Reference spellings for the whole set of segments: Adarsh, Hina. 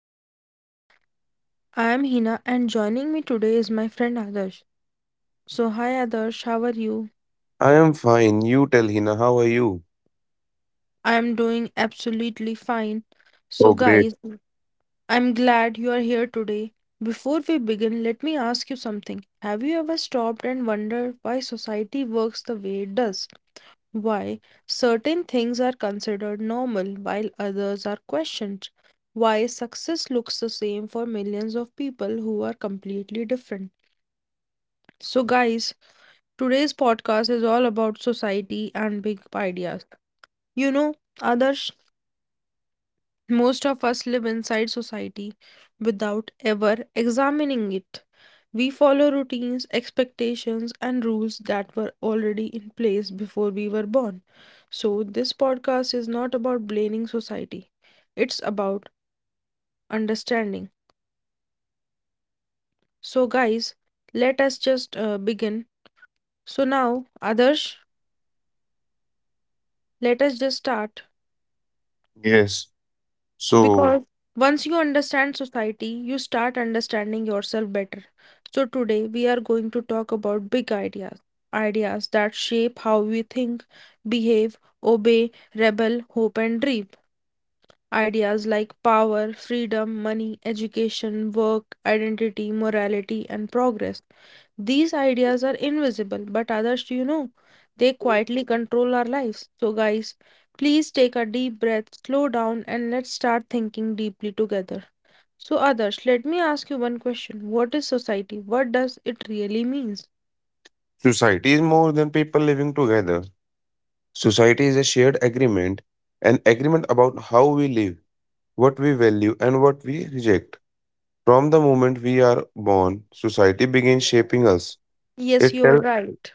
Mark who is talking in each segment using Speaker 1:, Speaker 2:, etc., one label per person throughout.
Speaker 1: to our channel. I am Hina and joining me today is my friend Adarsh. So, hi Adarsh, how are you? I am doing absolutely fine. So, guys, I'm glad you are here today. Before we begin, let me ask you something. Have you ever stopped and wondered why society works the way it does? Why certain things are considered normal while others are questioned? Why success looks the same for millions of people who are completely different? So, guys, today's podcast is all about society and big ideas. You know, Adarsh, most of us live inside society without ever examining it. We follow routines, expectations, and rules that were already in place before we were born. So, this podcast is not about blaming society, it's about understanding. So, guys, let us just begin. So, now, Adarsh, let us just start.
Speaker 2: Yes. So,
Speaker 1: Because once you understand society, you start understanding yourself better. So, today we are going to talk about big ideas, ideas that shape how we think, behave, obey, rebel, hope, and dream. Ideas like power, freedom, money, education, work, identity, morality, and progress. These ideas are invisible, but others, do you know, they quietly control our lives. So, guys, please take a deep breath, slow down, and let's start thinking deeply together. So, others, let me ask you one question. What is society? What does it really means?
Speaker 2: society is more than people living together. Society is a shared agreement, an agreement about how we live, what we value, and what we reject. From the moment we are born, society begins shaping us.
Speaker 1: Yes,
Speaker 2: It
Speaker 1: you're
Speaker 2: tells
Speaker 1: right.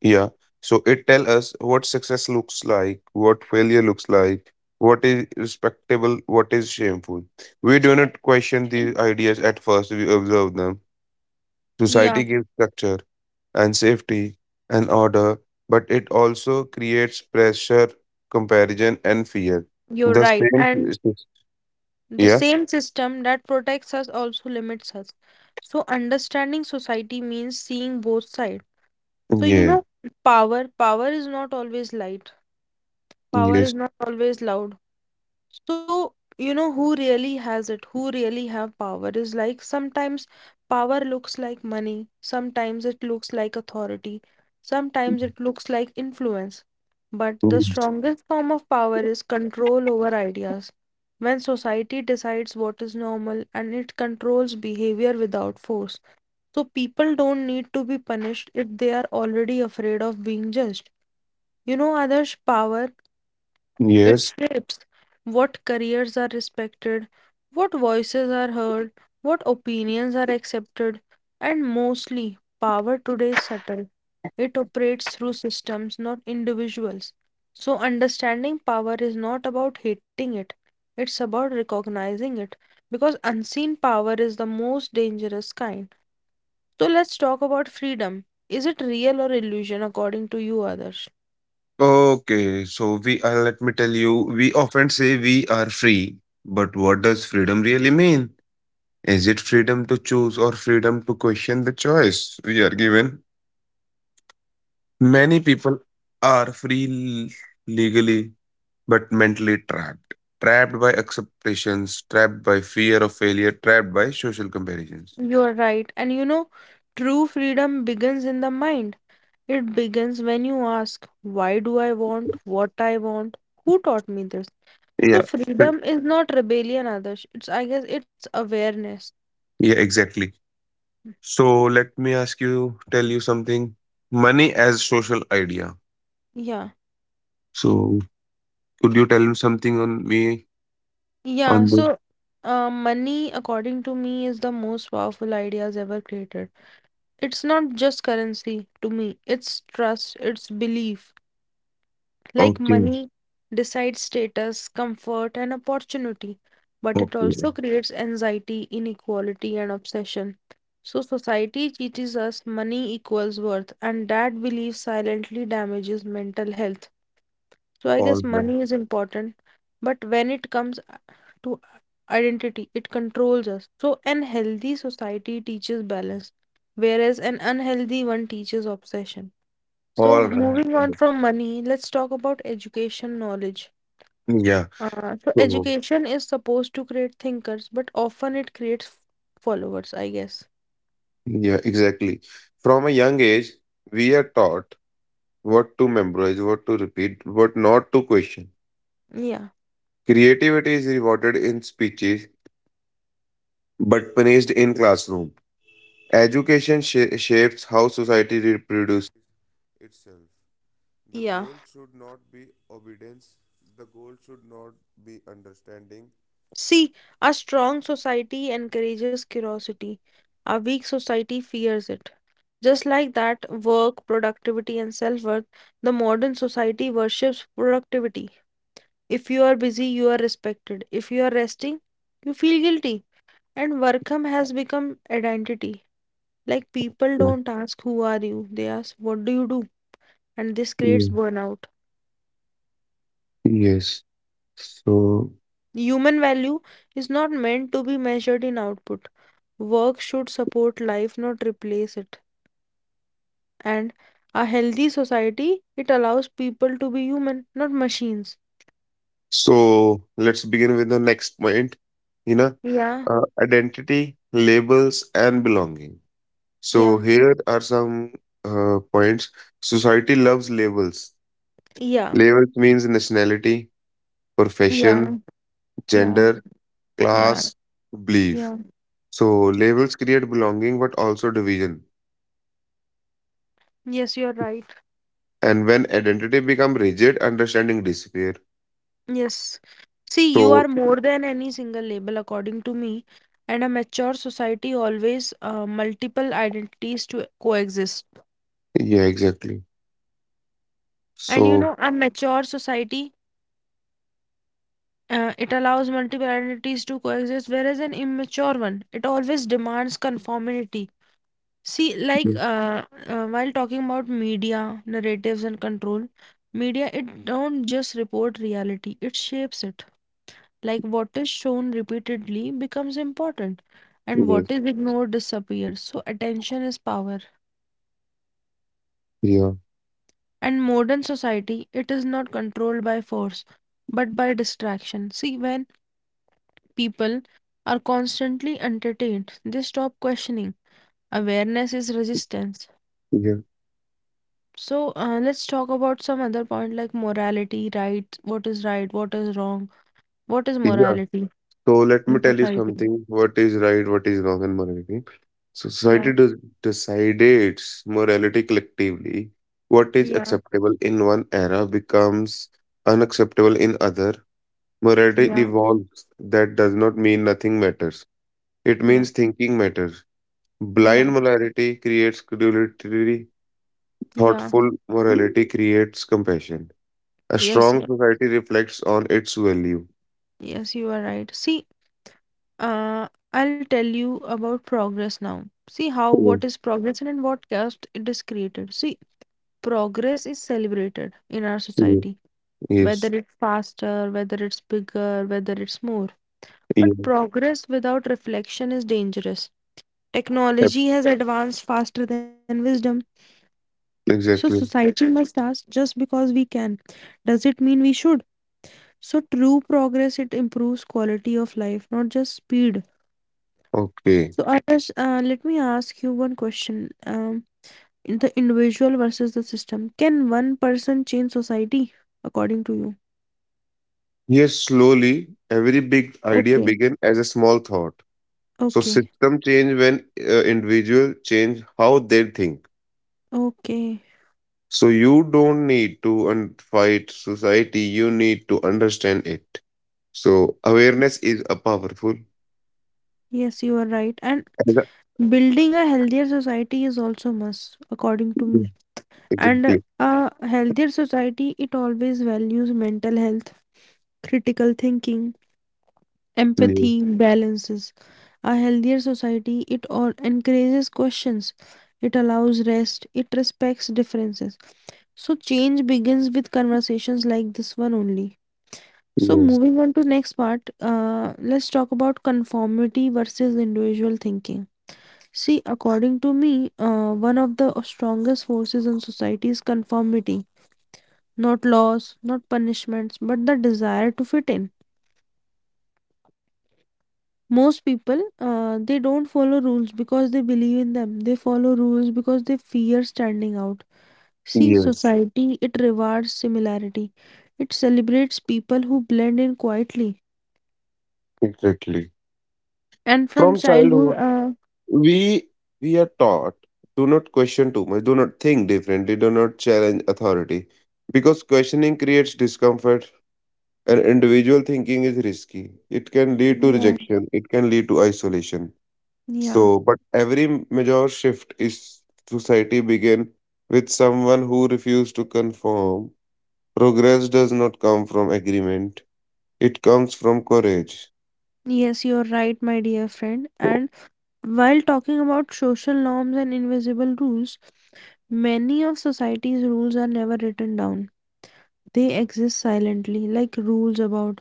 Speaker 2: Yeah. So it tell us what success looks like, what failure looks like, what is respectable, what is shameful. We do not question these ideas at first, we observe them. Society
Speaker 1: Yeah,
Speaker 2: gives structure, and safety and order, but it also creates pressure, comparison, and fear.
Speaker 1: you're
Speaker 2: The
Speaker 1: right. And
Speaker 2: same,
Speaker 1: the
Speaker 2: yeah,
Speaker 1: same system that protects us also limits us. So understanding society means seeing both sides. So you
Speaker 2: yeah,
Speaker 1: know, power is not always light. Power
Speaker 2: yes,
Speaker 1: is not always loud. So, you know, who really has it, who really have power is like sometimes power looks like money, sometimes it looks like authority, sometimes it looks like influence. But the strongest form of power is control over ideas. When society decides what is normal and it controls behavior without force. So people don't need to be punished if they are already afraid of being judged. You know, others' power, it
Speaker 2: yes.
Speaker 1: shapes what careers are respected, what voices are heard, what opinions are accepted, and mostly power today is subtle. It operates through systems, not individuals. So, understanding power is not about hating it, it's about recognizing it because unseen power is the most dangerous kind. So, let's talk about freedom. Is it real or illusion according to you, others?
Speaker 2: Okay, let me tell you, we often say we are free, but what does freedom really mean? Is it freedom to choose or freedom to question the choice we are given? Many people are free legally but mentally trapped. Trapped by acceptations, trapped by fear of failure, trapped by social comparisons.
Speaker 1: You're right. And you know, true freedom begins in the mind. It begins when you ask, why do I want what I want? Who taught me this? So
Speaker 2: Yeah,
Speaker 1: freedom is not rebellion, others. It's I guess it's awareness.
Speaker 2: yeah, exactly. So let me ask you, tell you something. Money as social idea.
Speaker 1: Yeah.
Speaker 2: So could you tell me something on me
Speaker 1: Yeah.
Speaker 2: on the?
Speaker 1: So money, according to me, is the most powerful ideas ever created. It's not just currency to me. It's trust. It's belief. Like
Speaker 2: Okay,
Speaker 1: money decides status, comfort, and opportunity, but it
Speaker 2: okay,
Speaker 1: also creates anxiety, inequality, and obsession. So, society teaches us money equals worth, and that belief silently damages mental health. So, I
Speaker 2: all
Speaker 1: guess
Speaker 2: right,
Speaker 1: money is important, but when to identity, it controls us. So, an healthy society teaches balance, whereas an unhealthy one teaches obsession. So,
Speaker 2: all right,
Speaker 1: moving
Speaker 2: all
Speaker 1: on
Speaker 2: right.
Speaker 1: from money, let's talk about education knowledge.
Speaker 2: Yeah.
Speaker 1: So,
Speaker 2: So
Speaker 1: education is supposed to create thinkers, but often it creates followers, I guess.
Speaker 2: yeah, exactly. From a young age, we are taught what to memorize, what to repeat, what not to question.
Speaker 1: Yeah,
Speaker 2: Creativity is rewarded in speeches but punished in classroom. Education shapes how society reproduces.
Speaker 1: yeah. See, a strong society encourages curiosity, a weak society fears it. Just like that, work, productivity, and self worth, the modern society worships productivity. If you are busy, you are respected. If you are resting, you feel guilty. And Workham has become identity. Like people
Speaker 2: Right.
Speaker 1: don't ask who are you, they ask what do you do? And this
Speaker 2: Yeah.
Speaker 1: creates burnout.
Speaker 2: Yes. So,
Speaker 1: Human value is not meant to be measured in output. Work should support life, not replace it. And a healthy society, it allows people to be human, not machines.
Speaker 2: So let's begin with the next point, you know,
Speaker 1: Yeah,
Speaker 2: identity, labels, and belonging. So
Speaker 1: yeah,
Speaker 2: here are some points. Society loves labels.
Speaker 1: yeah,
Speaker 2: Labels means nationality,
Speaker 1: yeah,
Speaker 2: profession,
Speaker 1: yeah,
Speaker 2: gender,
Speaker 1: yeah,
Speaker 2: class, belief.
Speaker 1: yeah.
Speaker 2: So labels create belonging but also division.
Speaker 1: Yes, you're right.
Speaker 2: And when identity become rigid, understanding disappear.
Speaker 1: Yes. See, you are
Speaker 2: So
Speaker 1: more than any single label, according to me, and a mature society always multiple identities to coexist.
Speaker 2: yeah, exactly.
Speaker 1: And you
Speaker 2: So
Speaker 1: know, a mature society it allows multiple identities to coexist, whereas an immature one it always demands conformity. See, like while talking about media, narratives, and control, media it don't just report reality; it shapes it. Like what is shown repeatedly becomes important and
Speaker 2: yes.
Speaker 1: what is ignored disappears, so attention is power,
Speaker 2: Yeah.
Speaker 1: and modern society it is not controlled by force but by distraction. See when people are constantly entertained they stop questioning. Awareness is resistance.
Speaker 2: Yeah.
Speaker 1: So let's talk about some other point like morality, right? What is right, what is wrong, what is
Speaker 2: Yeah.
Speaker 1: morality
Speaker 2: So let me
Speaker 1: in
Speaker 2: tell you
Speaker 1: society?
Speaker 2: something. What is right? What is wrong in morality? So
Speaker 1: Yeah,
Speaker 2: society does decides morality collectively. What is
Speaker 1: yeah,
Speaker 2: acceptable in one era becomes unacceptable in other. Morality
Speaker 1: yeah,
Speaker 2: evolves. That does not mean nothing matters. It
Speaker 1: yeah,
Speaker 2: means thinking matters.
Speaker 1: yeah,
Speaker 2: Blind morality creates credulity.
Speaker 1: yeah.
Speaker 2: Thoughtful morality creates compassion. A
Speaker 1: Yes,
Speaker 2: strong society reflects on its value.
Speaker 1: yes, you are right. See, I'll tell you about progress now. See how what
Speaker 2: Yeah,
Speaker 1: is progress and in what caste it is created. See, progress is celebrated in our society, whether
Speaker 2: yes.
Speaker 1: it's faster, whether it's bigger, whether it's more.
Speaker 2: Yeah.
Speaker 1: But progress without reflection is dangerous.
Speaker 2: Yep.
Speaker 1: Technology has advanced faster than wisdom. So
Speaker 2: Exactly.
Speaker 1: society must ask just because we can, does it mean we should? So true progress it improves quality of life, not just speed.
Speaker 2: Okay.
Speaker 1: So, Adarsh, let me ask you one question. Um, in the individual versus the system, can one person change society according to you?
Speaker 2: Yes, slowly, every big idea
Speaker 1: Okay.
Speaker 2: began as a small thought. So
Speaker 1: Okay,
Speaker 2: system change when individual change how they think.
Speaker 1: okay.
Speaker 2: So you don't need to fight society, you need to understand it. So awareness is a powerful.
Speaker 1: Yes, you are right. And
Speaker 2: Exa-
Speaker 1: building a healthier society is also must, according to
Speaker 2: Yeah,
Speaker 1: me. And
Speaker 2: exactly.
Speaker 1: a healthier society, it always values mental health, critical thinking,
Speaker 2: Yeah.
Speaker 1: empathy balances. A healthier society it all encourages questions, it allows rest, it respects differences. So change begins with conversations like this one only. So
Speaker 2: Yes.
Speaker 1: moving on to next part, let's talk about conformity versus individual thinking. See according to me, one of the strongest forces in society is conformity, not laws, not punishments, but the desire to fit in. Most people, they don't follow rules because they believe in them. They follow rules because they fear standing out. See,
Speaker 2: Yes,
Speaker 1: society, it rewards similarity. It celebrates people who blend in quietly.
Speaker 2: exactly.
Speaker 1: And from
Speaker 2: From
Speaker 1: childhood,
Speaker 2: childhood, we we are taught do not question too much, do not think differently, do not challenge authority, because questioning creates discomfort and individual thinking is risky. It can lead to
Speaker 1: yeah,
Speaker 2: rejection, it can lead to isolation.
Speaker 1: yeah.
Speaker 2: So, but every major shift is society begin with someone who refused to conform. Progress does not come from agreement; it comes from courage.
Speaker 1: Yes, you're right, my dear friend. And while talking about social norms and invisible rules, many of society's rules are never written down. They exist silently, like rules about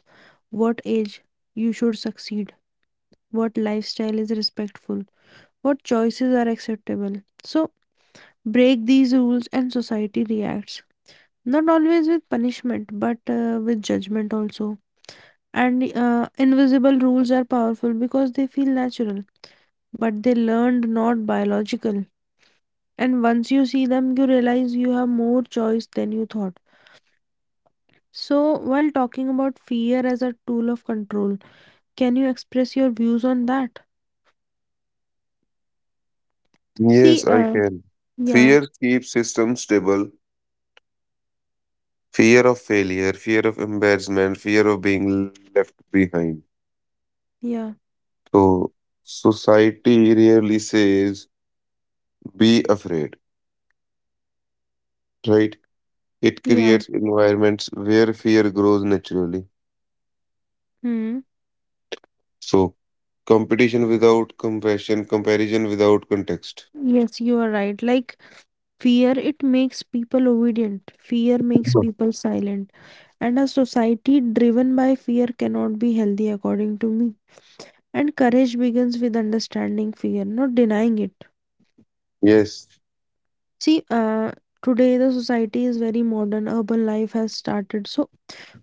Speaker 1: what age you should succeed, what lifestyle is respectful, what choices are acceptable. So, break these rules and society reacts. Not always with punishment, but with judgment also. And invisible rules are powerful because they feel natural, but they learned not biological. And once you see them, you realize you have more choice than you thought. So, while talking about fear as a tool of control, can you express your views on that? See,
Speaker 2: Yes, I can.
Speaker 1: yeah,
Speaker 2: Fear keeps systems stable. Fear of failure, fear of embarrassment, fear of being left behind.
Speaker 1: yeah,
Speaker 2: So society rarely says be afraid, right? It
Speaker 1: yeah.
Speaker 2: creates environments where fear grows naturally.
Speaker 1: Hmm.
Speaker 2: So competition without compassion, comparison without context.
Speaker 1: Yes, you are right. Like fear, it makes people obedient. Fear makes
Speaker 2: Yeah.
Speaker 1: people silent. And a society driven by fear cannot be healthy, according to me. And courage begins with understanding fear, not denying it.
Speaker 2: Yes.
Speaker 1: See, today the society is very modern. Urban life has started. So,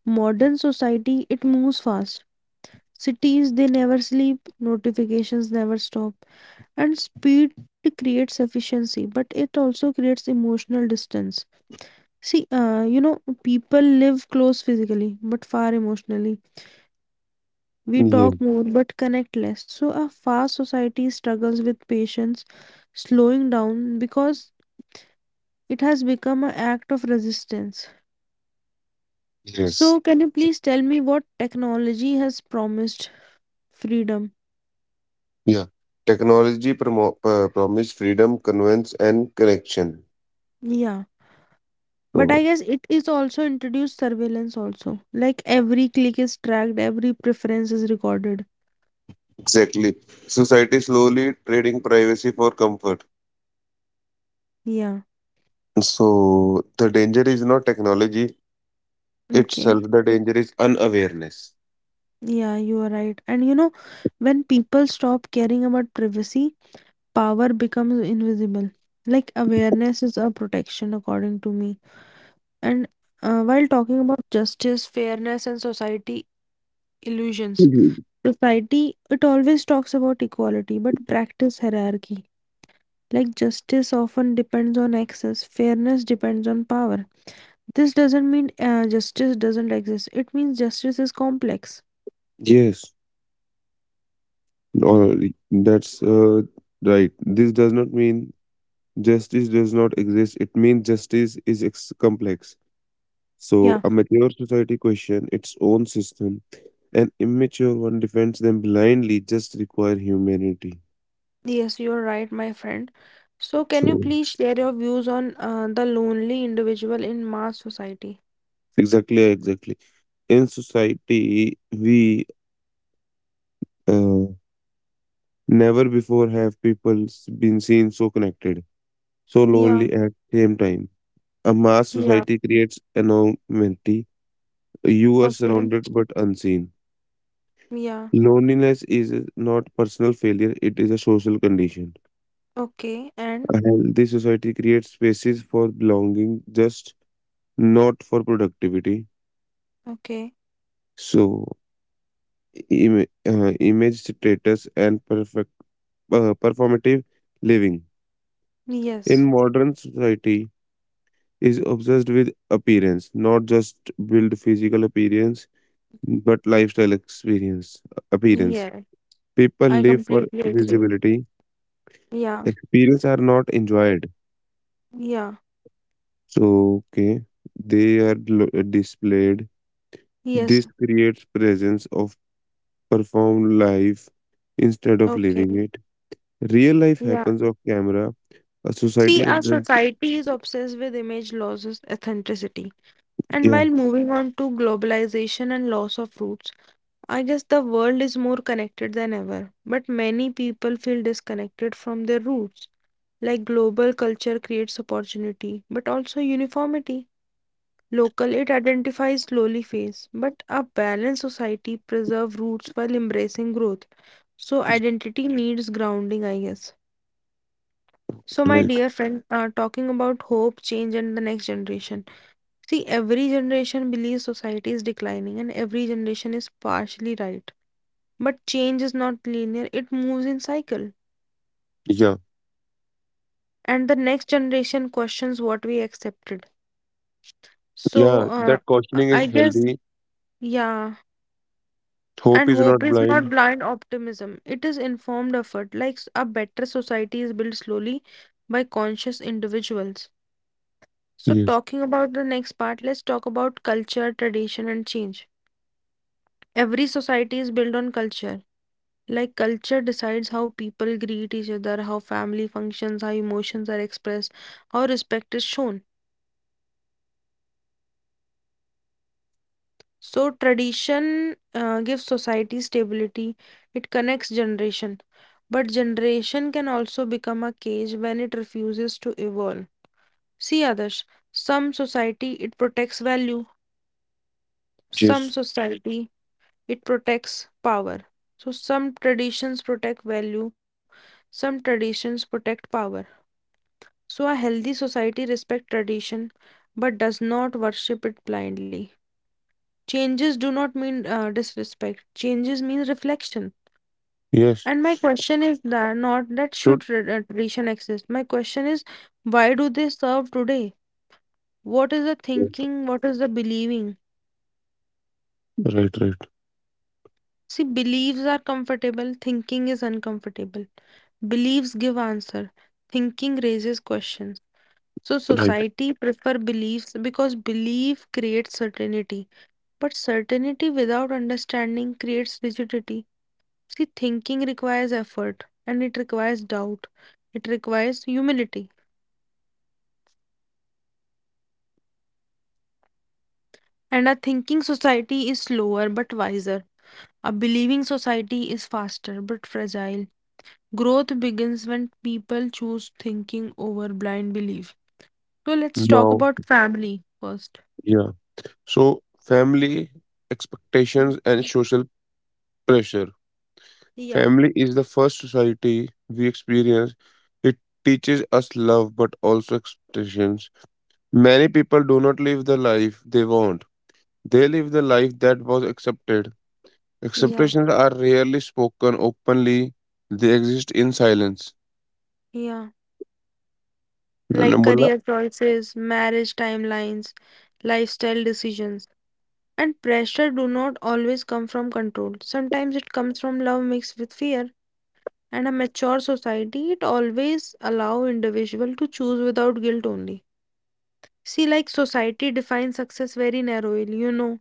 Speaker 1: modern society, it moves fast. Cities, they never sleep. Notifications never stop. And speed creates efficiency, but it also creates emotional distance. See, you know, people live close physically but far emotionally. We
Speaker 2: Yeah.
Speaker 1: talk more but connect less. So, a fast society struggles with patience, slowing down because it has become an act of resistance.
Speaker 2: Yes.
Speaker 1: So, can you please tell me what technology has promised freedom?
Speaker 2: Yeah. Technology promise freedom, convenience, and connection.
Speaker 1: Yeah. But I
Speaker 2: So
Speaker 1: guess it is also introduced surveillance also. Like every click is tracked, every preference is recorded.
Speaker 2: exactly. Society slowly trading privacy for comfort.
Speaker 1: Yeah.
Speaker 2: So the danger is not technology itself,
Speaker 1: Okay.
Speaker 2: the danger is unawareness.
Speaker 1: Yeah, you are right. And you know, when people stop caring about privacy, power becomes invisible. Like awareness is a protection, according to me. And while talking about justice, fairness, and society illusions,
Speaker 2: Mhm.
Speaker 1: society it always talks about equality, but practice hierarchy. Like justice often depends on access, fairness depends on power. This doesn't mean justice doesn't exist. It means justice is complex.
Speaker 2: Yes, or that's right. This does not mean justice does not exist. It means justice is complex. So
Speaker 1: Yeah.
Speaker 2: a mature society question its own system. An immature one defends them blindly. Just require humanity.
Speaker 1: Yes, you're right, my friend. So, can you
Speaker 2: So
Speaker 1: please share your views on the lonely individual in mass society?
Speaker 2: exactly, exactly. In society, we Uh, never before have people been seen so connected, so
Speaker 1: Yeah,
Speaker 2: lonely at same time. A mass
Speaker 1: yeah,
Speaker 2: society creates anonymity. You are
Speaker 1: okay,
Speaker 2: surrounded but unseen.
Speaker 1: yeah,
Speaker 2: Loneliness is not personal failure, it is a social condition.
Speaker 1: okay, and
Speaker 2: A healthy society creates spaces for belonging, just not for productivity.
Speaker 1: okay,
Speaker 2: So, image status and perfect, performative living. In
Speaker 1: yes,
Speaker 2: modern society, is obsessed with appearance, not just build physical appearance, but lifestyle experience appearance.
Speaker 1: yeah,
Speaker 2: People
Speaker 1: I
Speaker 2: live for
Speaker 1: completely agree.
Speaker 2: visibility.
Speaker 1: Yeah,
Speaker 2: Experience are not enjoyed.
Speaker 1: yeah,
Speaker 2: So okay, they are displayed. This
Speaker 1: yes,
Speaker 2: creates presence of performed life instead of living
Speaker 1: okay,
Speaker 2: it. Real life
Speaker 1: yeah.
Speaker 2: happens off camera. A society
Speaker 1: See, our
Speaker 2: obsessed.
Speaker 1: society is obsessed with image losses, authenticity, and
Speaker 2: Yeah,
Speaker 1: while moving on to globalization and loss of roots. I guess the world is more connected than ever, but many people feel disconnected from their roots. Like global culture creates opportunity, but also uniformity. Local it identifies slowly phase, but a balanced society preserve roots while embracing growth. So identity needs grounding, I guess. So my
Speaker 2: right.
Speaker 1: dear friend, talking about hope, change, and the next generation. See, every generation believes society is declining, and every generation is partially right. But change is not linear, it moves in cycle.
Speaker 2: Yeah,
Speaker 1: And the next generation questions what we accepted. So,
Speaker 2: yeah. That
Speaker 1: uh,
Speaker 2: cautioning
Speaker 1: I
Speaker 2: is
Speaker 1: guess,
Speaker 2: healthy.
Speaker 1: yeah.
Speaker 2: Hope
Speaker 1: And
Speaker 2: is not
Speaker 1: hope is not
Speaker 2: blind.
Speaker 1: blind optimism, it is informed effort. Like a better society is built slowly by conscious individuals. So,
Speaker 2: Yes,
Speaker 1: talking about the next part, let's talk about culture, tradition, and change. Every society is built on culture. Like culture decides how people greet each other, how family functions, how emotions are expressed, how respect is shown. So tradition gives society stability, it connects generation. But generation can also become a cage when it refuses to evolve. See others. Some society it protects value,
Speaker 2: yes.
Speaker 1: some society it protects power. So some traditions protect value, some traditions protect power. So, a healthy society respects tradition but does not worship it blindly. Changes do not mean disrespect, changes mean reflection.
Speaker 2: Yes.
Speaker 1: And my question is that not that should
Speaker 2: Good.
Speaker 1: tradition exist. My question is why do they serve today? What is the thinking? What is the believing?
Speaker 2: Right, right,
Speaker 1: See, beliefs are comfortable, thinking is uncomfortable. Beliefs give answer, thinking raises questions. So
Speaker 2: right.
Speaker 1: society prefer beliefs because belief creates certainty. But certainty without understanding creates rigidity. See, thinking requires effort and it requires doubt. It requires humility. And a thinking society is slower but wiser. A believing society is faster but fragile. Growth begins when people choose thinking over blind belief. So let's talk
Speaker 2: Now,
Speaker 1: about family first.
Speaker 2: yeah. So, family expectations and social pressure.
Speaker 1: Yeah,
Speaker 2: Family is the first society we experience. It teaches us love, but also expectations. Many people do not live the life they want, they live the life that was accepted.
Speaker 1: yeah,
Speaker 2: Expectations are rarely spoken openly, they exist in silence.
Speaker 1: yeah. Like
Speaker 2: Number
Speaker 1: career choices, marriage timelines, lifestyle decisions. And pressure do not always come from control. Sometimes it comes from love mixed with fear. And a mature society it always allow individual to choose without guilt only. See, like society defines success very narrowly, you know,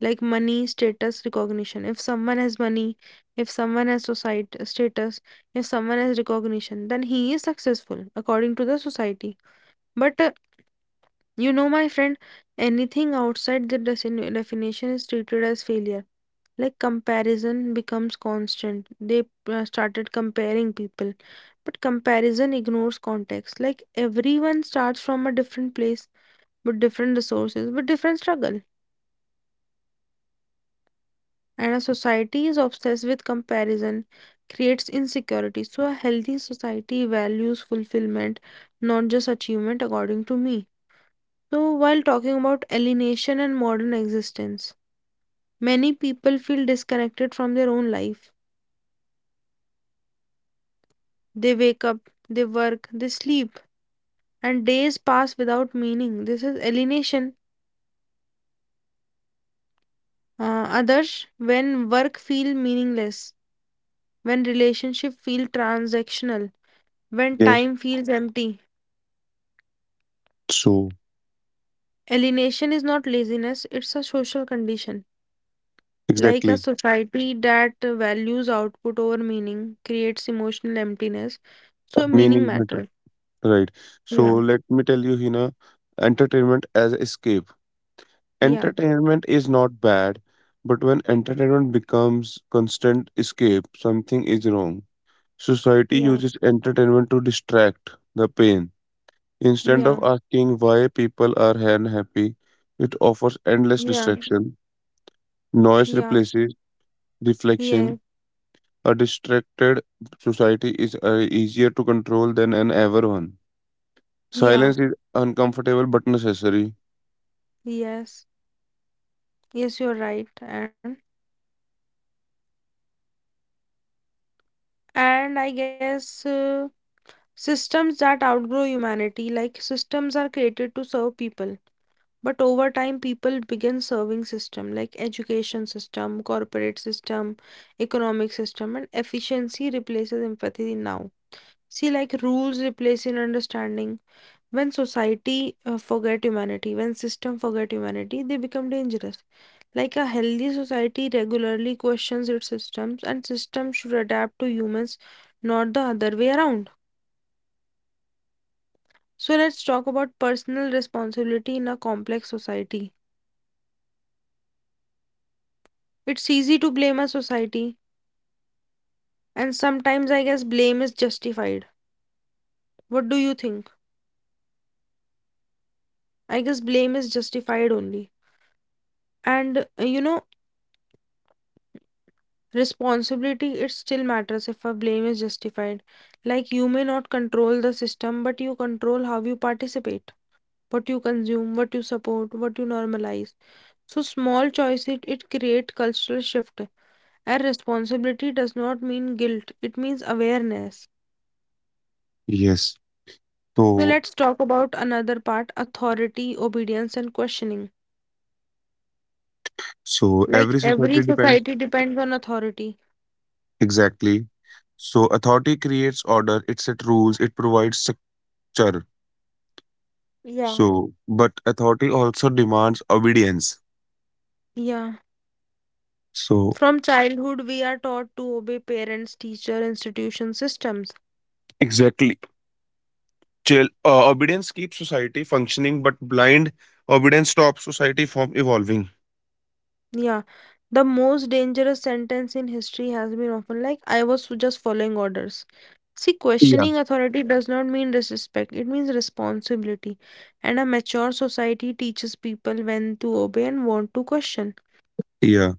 Speaker 1: like money, status, recognition. If someone has money, if someone has society status, if someone has recognition, then he is successful according to the society. But You know, my friend, anything outside the definition is treated as failure. Like comparison becomes constant. They started comparing people, but comparison ignores context. Like everyone starts from a different place, with different resources, with different struggle. And a society is obsessed with comparison, creates insecurity. So, a healthy society values fulfillment, not just achievement, according to me. So, while talking about alienation and modern existence, many people feel disconnected from their own life. They wake up, they work, they sleep, and days pass without meaning. This is alienation. Others, when work feel meaningless, when relationship feel transactional, when
Speaker 2: Yes.
Speaker 1: time feels empty.
Speaker 2: So,
Speaker 1: Alienation is not laziness, it's a social condition. Like a
Speaker 2: exactly.
Speaker 1: society that values output over meaning creates emotional emptiness. So meaning
Speaker 2: Meaning matters.
Speaker 1: matters.
Speaker 2: Right. So
Speaker 1: Yeah,
Speaker 2: let me tell you, Hina, entertainment as escape.
Speaker 1: yeah,
Speaker 2: Entertainment is not bad, but when entertainment becomes constant escape, something is wrong. Society
Speaker 1: yeah,
Speaker 2: uses entertainment to distract the pain. Instead of
Speaker 1: yeah,
Speaker 2: asking why people are unhappy, it offers endless
Speaker 1: yeah,
Speaker 2: distraction. Noise
Speaker 1: yeah.
Speaker 2: replaces
Speaker 1: Yeah,
Speaker 2: reflection. A distracted society is easier to control than an ever one.
Speaker 1: yeah,
Speaker 2: Silence is uncomfortable but necessary.
Speaker 1: yes, yes, you're right. And I guess systems that outgrow humanity, like systems are created to serve people. But over time, people begin serving system like education system, corporate system, economic system, and efficiency replaces empathy now. See, like rules replacing understanding. When society forget humanity, when system forget humanity, they become dangerous. Like a healthy society regularly questions its systems, and systems should adapt to humans, not the other way around. So, let's talk about personal responsibility in a complex society. It's easy to blame a society, and sometimes I guess blame is justified. What do you think? I guess blame is justified only. And you know, responsibility it still matters if a blame is justified. Like you may not control the system, but you control how you participate, what you consume, what you support, what you normalize. So small it create cultural shift. And responsibility does not mean guilt, it means awareness.
Speaker 2: Yes.
Speaker 1: So
Speaker 2: So,
Speaker 1: let's talk about another part: authority, obedience, and questioning.
Speaker 2: so
Speaker 1: Like
Speaker 2: every
Speaker 1: every
Speaker 2: society depends.
Speaker 1: society depends on authority.
Speaker 2: Exactly. So authority creates order, it sets rules, it provides structure.
Speaker 1: Yeah.
Speaker 2: So, but authority also demands obedience.
Speaker 1: Yeah.
Speaker 2: So,
Speaker 1: From childhood, we are taught to obey parents, teacher, institution, systems.
Speaker 2: exactly. Chill. Obedience keeps society functioning, but blind obedience stops society from evolving.
Speaker 1: Yeah, the most dangerous sentence in history has been often like, I was just following orders. See,
Speaker 2: Yeah.
Speaker 1: questioning authority does not mean disrespect, it means responsibility. And a mature society teaches people when to obey and want to question.
Speaker 2: Yeah.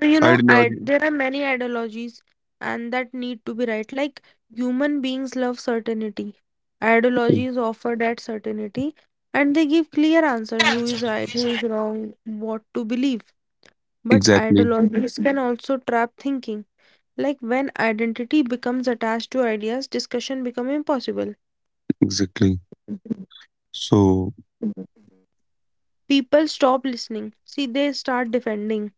Speaker 1: So, you know,
Speaker 2: Ideology.
Speaker 1: there are many ideologies and that need to be right. Like, human beings love certainty. Ideologies offer that certainty and they give clear answers who is right, who is wrong, what to believe. But
Speaker 2: Exactly.
Speaker 1: ideologies can also trap thinking. Like when identity becomes attached to ideas, discussion becomes impossible.
Speaker 2: Exactly. So.
Speaker 1: People stop listening. See, they start defending.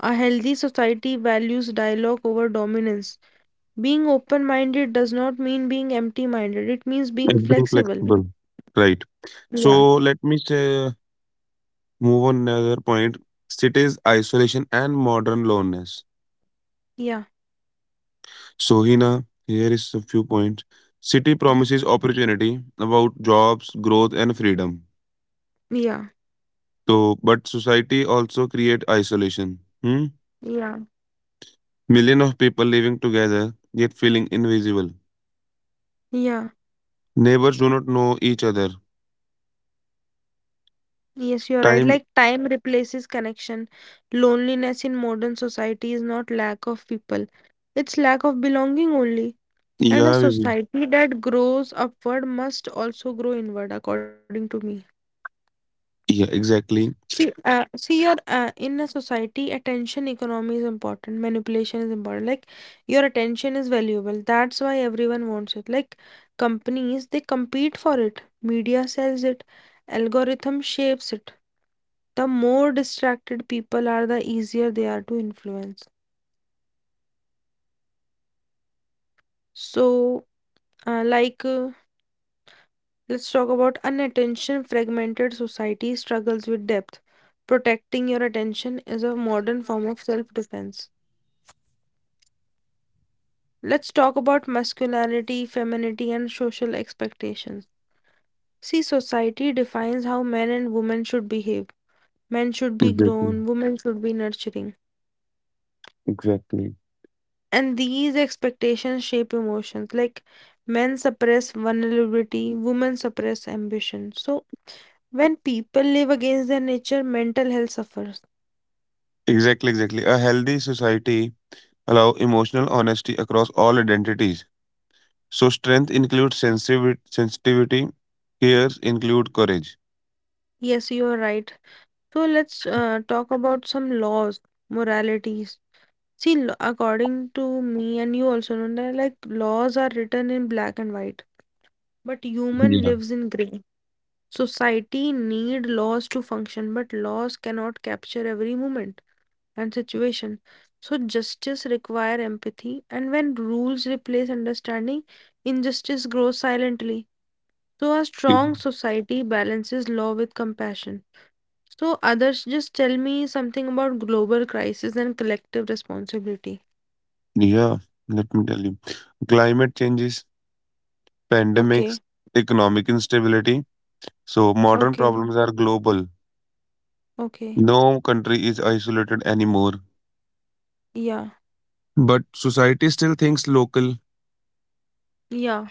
Speaker 1: A healthy society values dialogue over dominance. Being open minded does not mean being empty minded, it means being flexible.
Speaker 2: Right.
Speaker 1: Yeah,
Speaker 2: So let me say, move on another point. Cities, isolation, and modern loneliness.
Speaker 1: yeah,
Speaker 2: So, Hina, here is a few points. City promises opportunity about jobs, growth, and freedom.
Speaker 1: yeah,
Speaker 2: So, but society also create isolation. Hmm?
Speaker 1: yeah,
Speaker 2: Million of people living together yet feeling invisible.
Speaker 1: yeah.
Speaker 2: Neighbors do not know each other.
Speaker 1: Yes, you're right. Like
Speaker 2: Time.
Speaker 1: time replaces connection. Loneliness in modern society is not lack of people, it's lack of belonging only. And a
Speaker 2: Yeah, Vivi.
Speaker 1: society that grows upward must also grow inward, according to me.
Speaker 2: Yeah, exactly.
Speaker 1: See, see, your in a society, attention economy is important. Manipulation is important. Like your attention is valuable. That's why everyone wants it. Like companies, they compete for it. Media sells it. Algorithm shapes it, the more distracted people are, the easier they are to influence. So, uh, like, uh, let's talk about unattention fragmented society struggles with depth. Protecting your attention is a modern form of self defense. Let's talk about masculinity, femininity, and social expectations. See, society defines how men and women should behave. Men should be grown, women should be nurturing.
Speaker 2: Exactly.
Speaker 1: And these expectations shape emotions. Like men suppress vulnerability, women suppress ambition. So when people live against their nature, mental health suffers.
Speaker 2: Exactly, exactly. A healthy society allow emotional honesty across all identities. So strength includes sensitivity. Fears include courage.
Speaker 1: Yes, you are right. So let's talk about some laws, moralities. See, according to me, and you also know that like laws are written in black and white, but human lives in gray. Society need laws to function, but laws cannot capture every moment and situation. So justice require empathy and when rules replace understanding, injustice grows silently. So a
Speaker 2: Yeah.
Speaker 1: strong society balances law with compassion. So others just tell me something about global crisis and collective responsibility.
Speaker 2: Yeah. Let me tell you. Climate changes,
Speaker 1: Okay.
Speaker 2: pandemics, economic instability. So modern
Speaker 1: Okay.
Speaker 2: problems are global.
Speaker 1: Okay.
Speaker 2: No country is isolated anymore.
Speaker 1: Yeah.
Speaker 2: But society still thinks local.
Speaker 1: Yeah.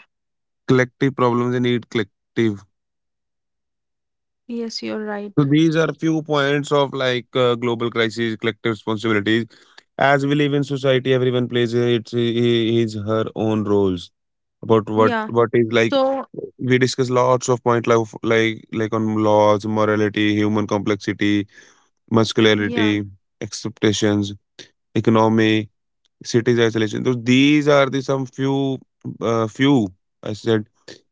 Speaker 2: Collective problems they need collective.
Speaker 1: Yes, you're right.
Speaker 2: So these are few points of like global crisis, collective responsibilities. As we live in society, everyone plays its his her own roles. But what
Speaker 1: Yeah.
Speaker 2: what is like
Speaker 1: So,
Speaker 2: we discuss lots of point like on laws, morality, human complexity,
Speaker 1: yeah.
Speaker 2: muscularity, expectations, economy, cities isolation. So these are the some few few I said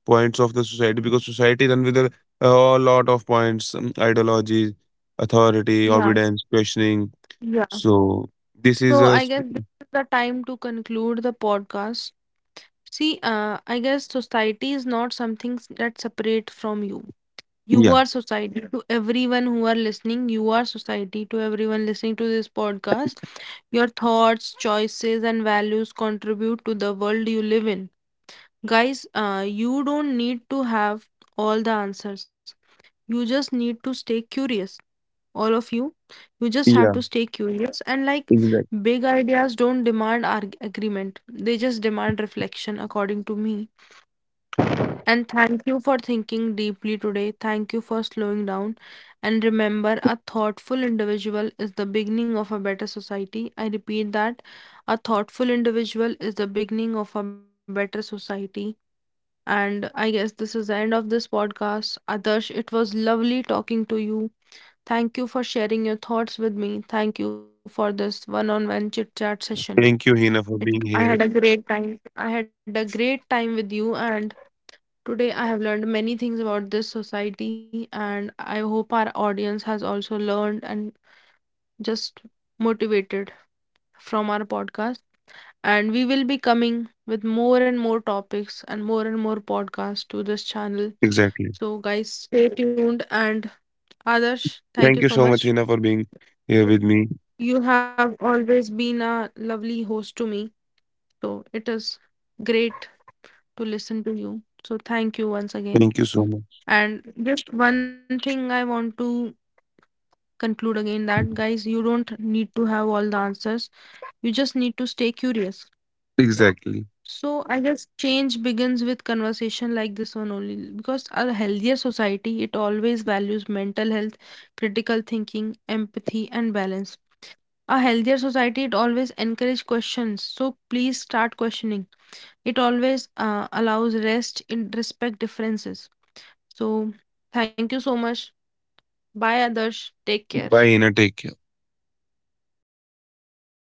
Speaker 2: points of the society because society run with a lot of points, ideology, authority,
Speaker 1: Yeah.
Speaker 2: obedience, questioning.
Speaker 1: Yeah.
Speaker 2: So this is
Speaker 1: So
Speaker 2: a
Speaker 1: I
Speaker 2: s-
Speaker 1: guess this is the time to conclude the podcast. See, I guess society is not something that separate from you. You
Speaker 2: Yeah,
Speaker 1: are society. Yeah. To everyone who are listening. You are society to everyone listening to this podcast. Your thoughts, choices, and values contribute to the world you live in. Guys, you don't need to have all the answers. You just need to stay curious. All of you, you just have
Speaker 2: yeah,
Speaker 1: to stay curious. And like
Speaker 2: exactly.
Speaker 1: big ideas don't demand arg agreement, they just demand reflection, according to me. And thank you for thinking deeply today. Thank you for slowing down. And remember, a thoughtful individual is the beginning of a better society. I repeat that a thoughtful individual is the beginning of a better society. And I guess this is the end of this podcast. Adarsh, it was lovely talking to you. Thank you for sharing your thoughts with me. Thank you for this one on one chit chat session.
Speaker 2: Thank you, Hina, for being
Speaker 1: I
Speaker 2: here.
Speaker 1: had a great time. I had a great time with you, and today, I have learned many things about this society, and I hope our audience has also learned and just motivated from our podcast. And we will be coming with more and more topics and more podcasts to this channel.
Speaker 2: Exactly.
Speaker 1: So, guys, stay tuned. And Adarsh,
Speaker 2: Thank you
Speaker 1: thank you
Speaker 2: so
Speaker 1: so
Speaker 2: much, Hina,
Speaker 1: much.
Speaker 2: for being here with me.
Speaker 1: You have always been a lovely host to me. So, it is great to listen to you. So, thank you once
Speaker 2: Thank you
Speaker 1: again.
Speaker 2: so much.
Speaker 1: And just one thing I want to conclude again that guys, you don't need to have all the answers. You just need to stay curious.
Speaker 2: Exactly.
Speaker 1: So I guess change begins with conversation like this one only because a healthier society it always values mental health, critical thinking, empathy and balance. A healthier society it always encourages questions. So please start questioning. It always allows rest in respect differences. So thank you so much. Bye Adarsh. Take care.
Speaker 2: Bye, Hina. Take care.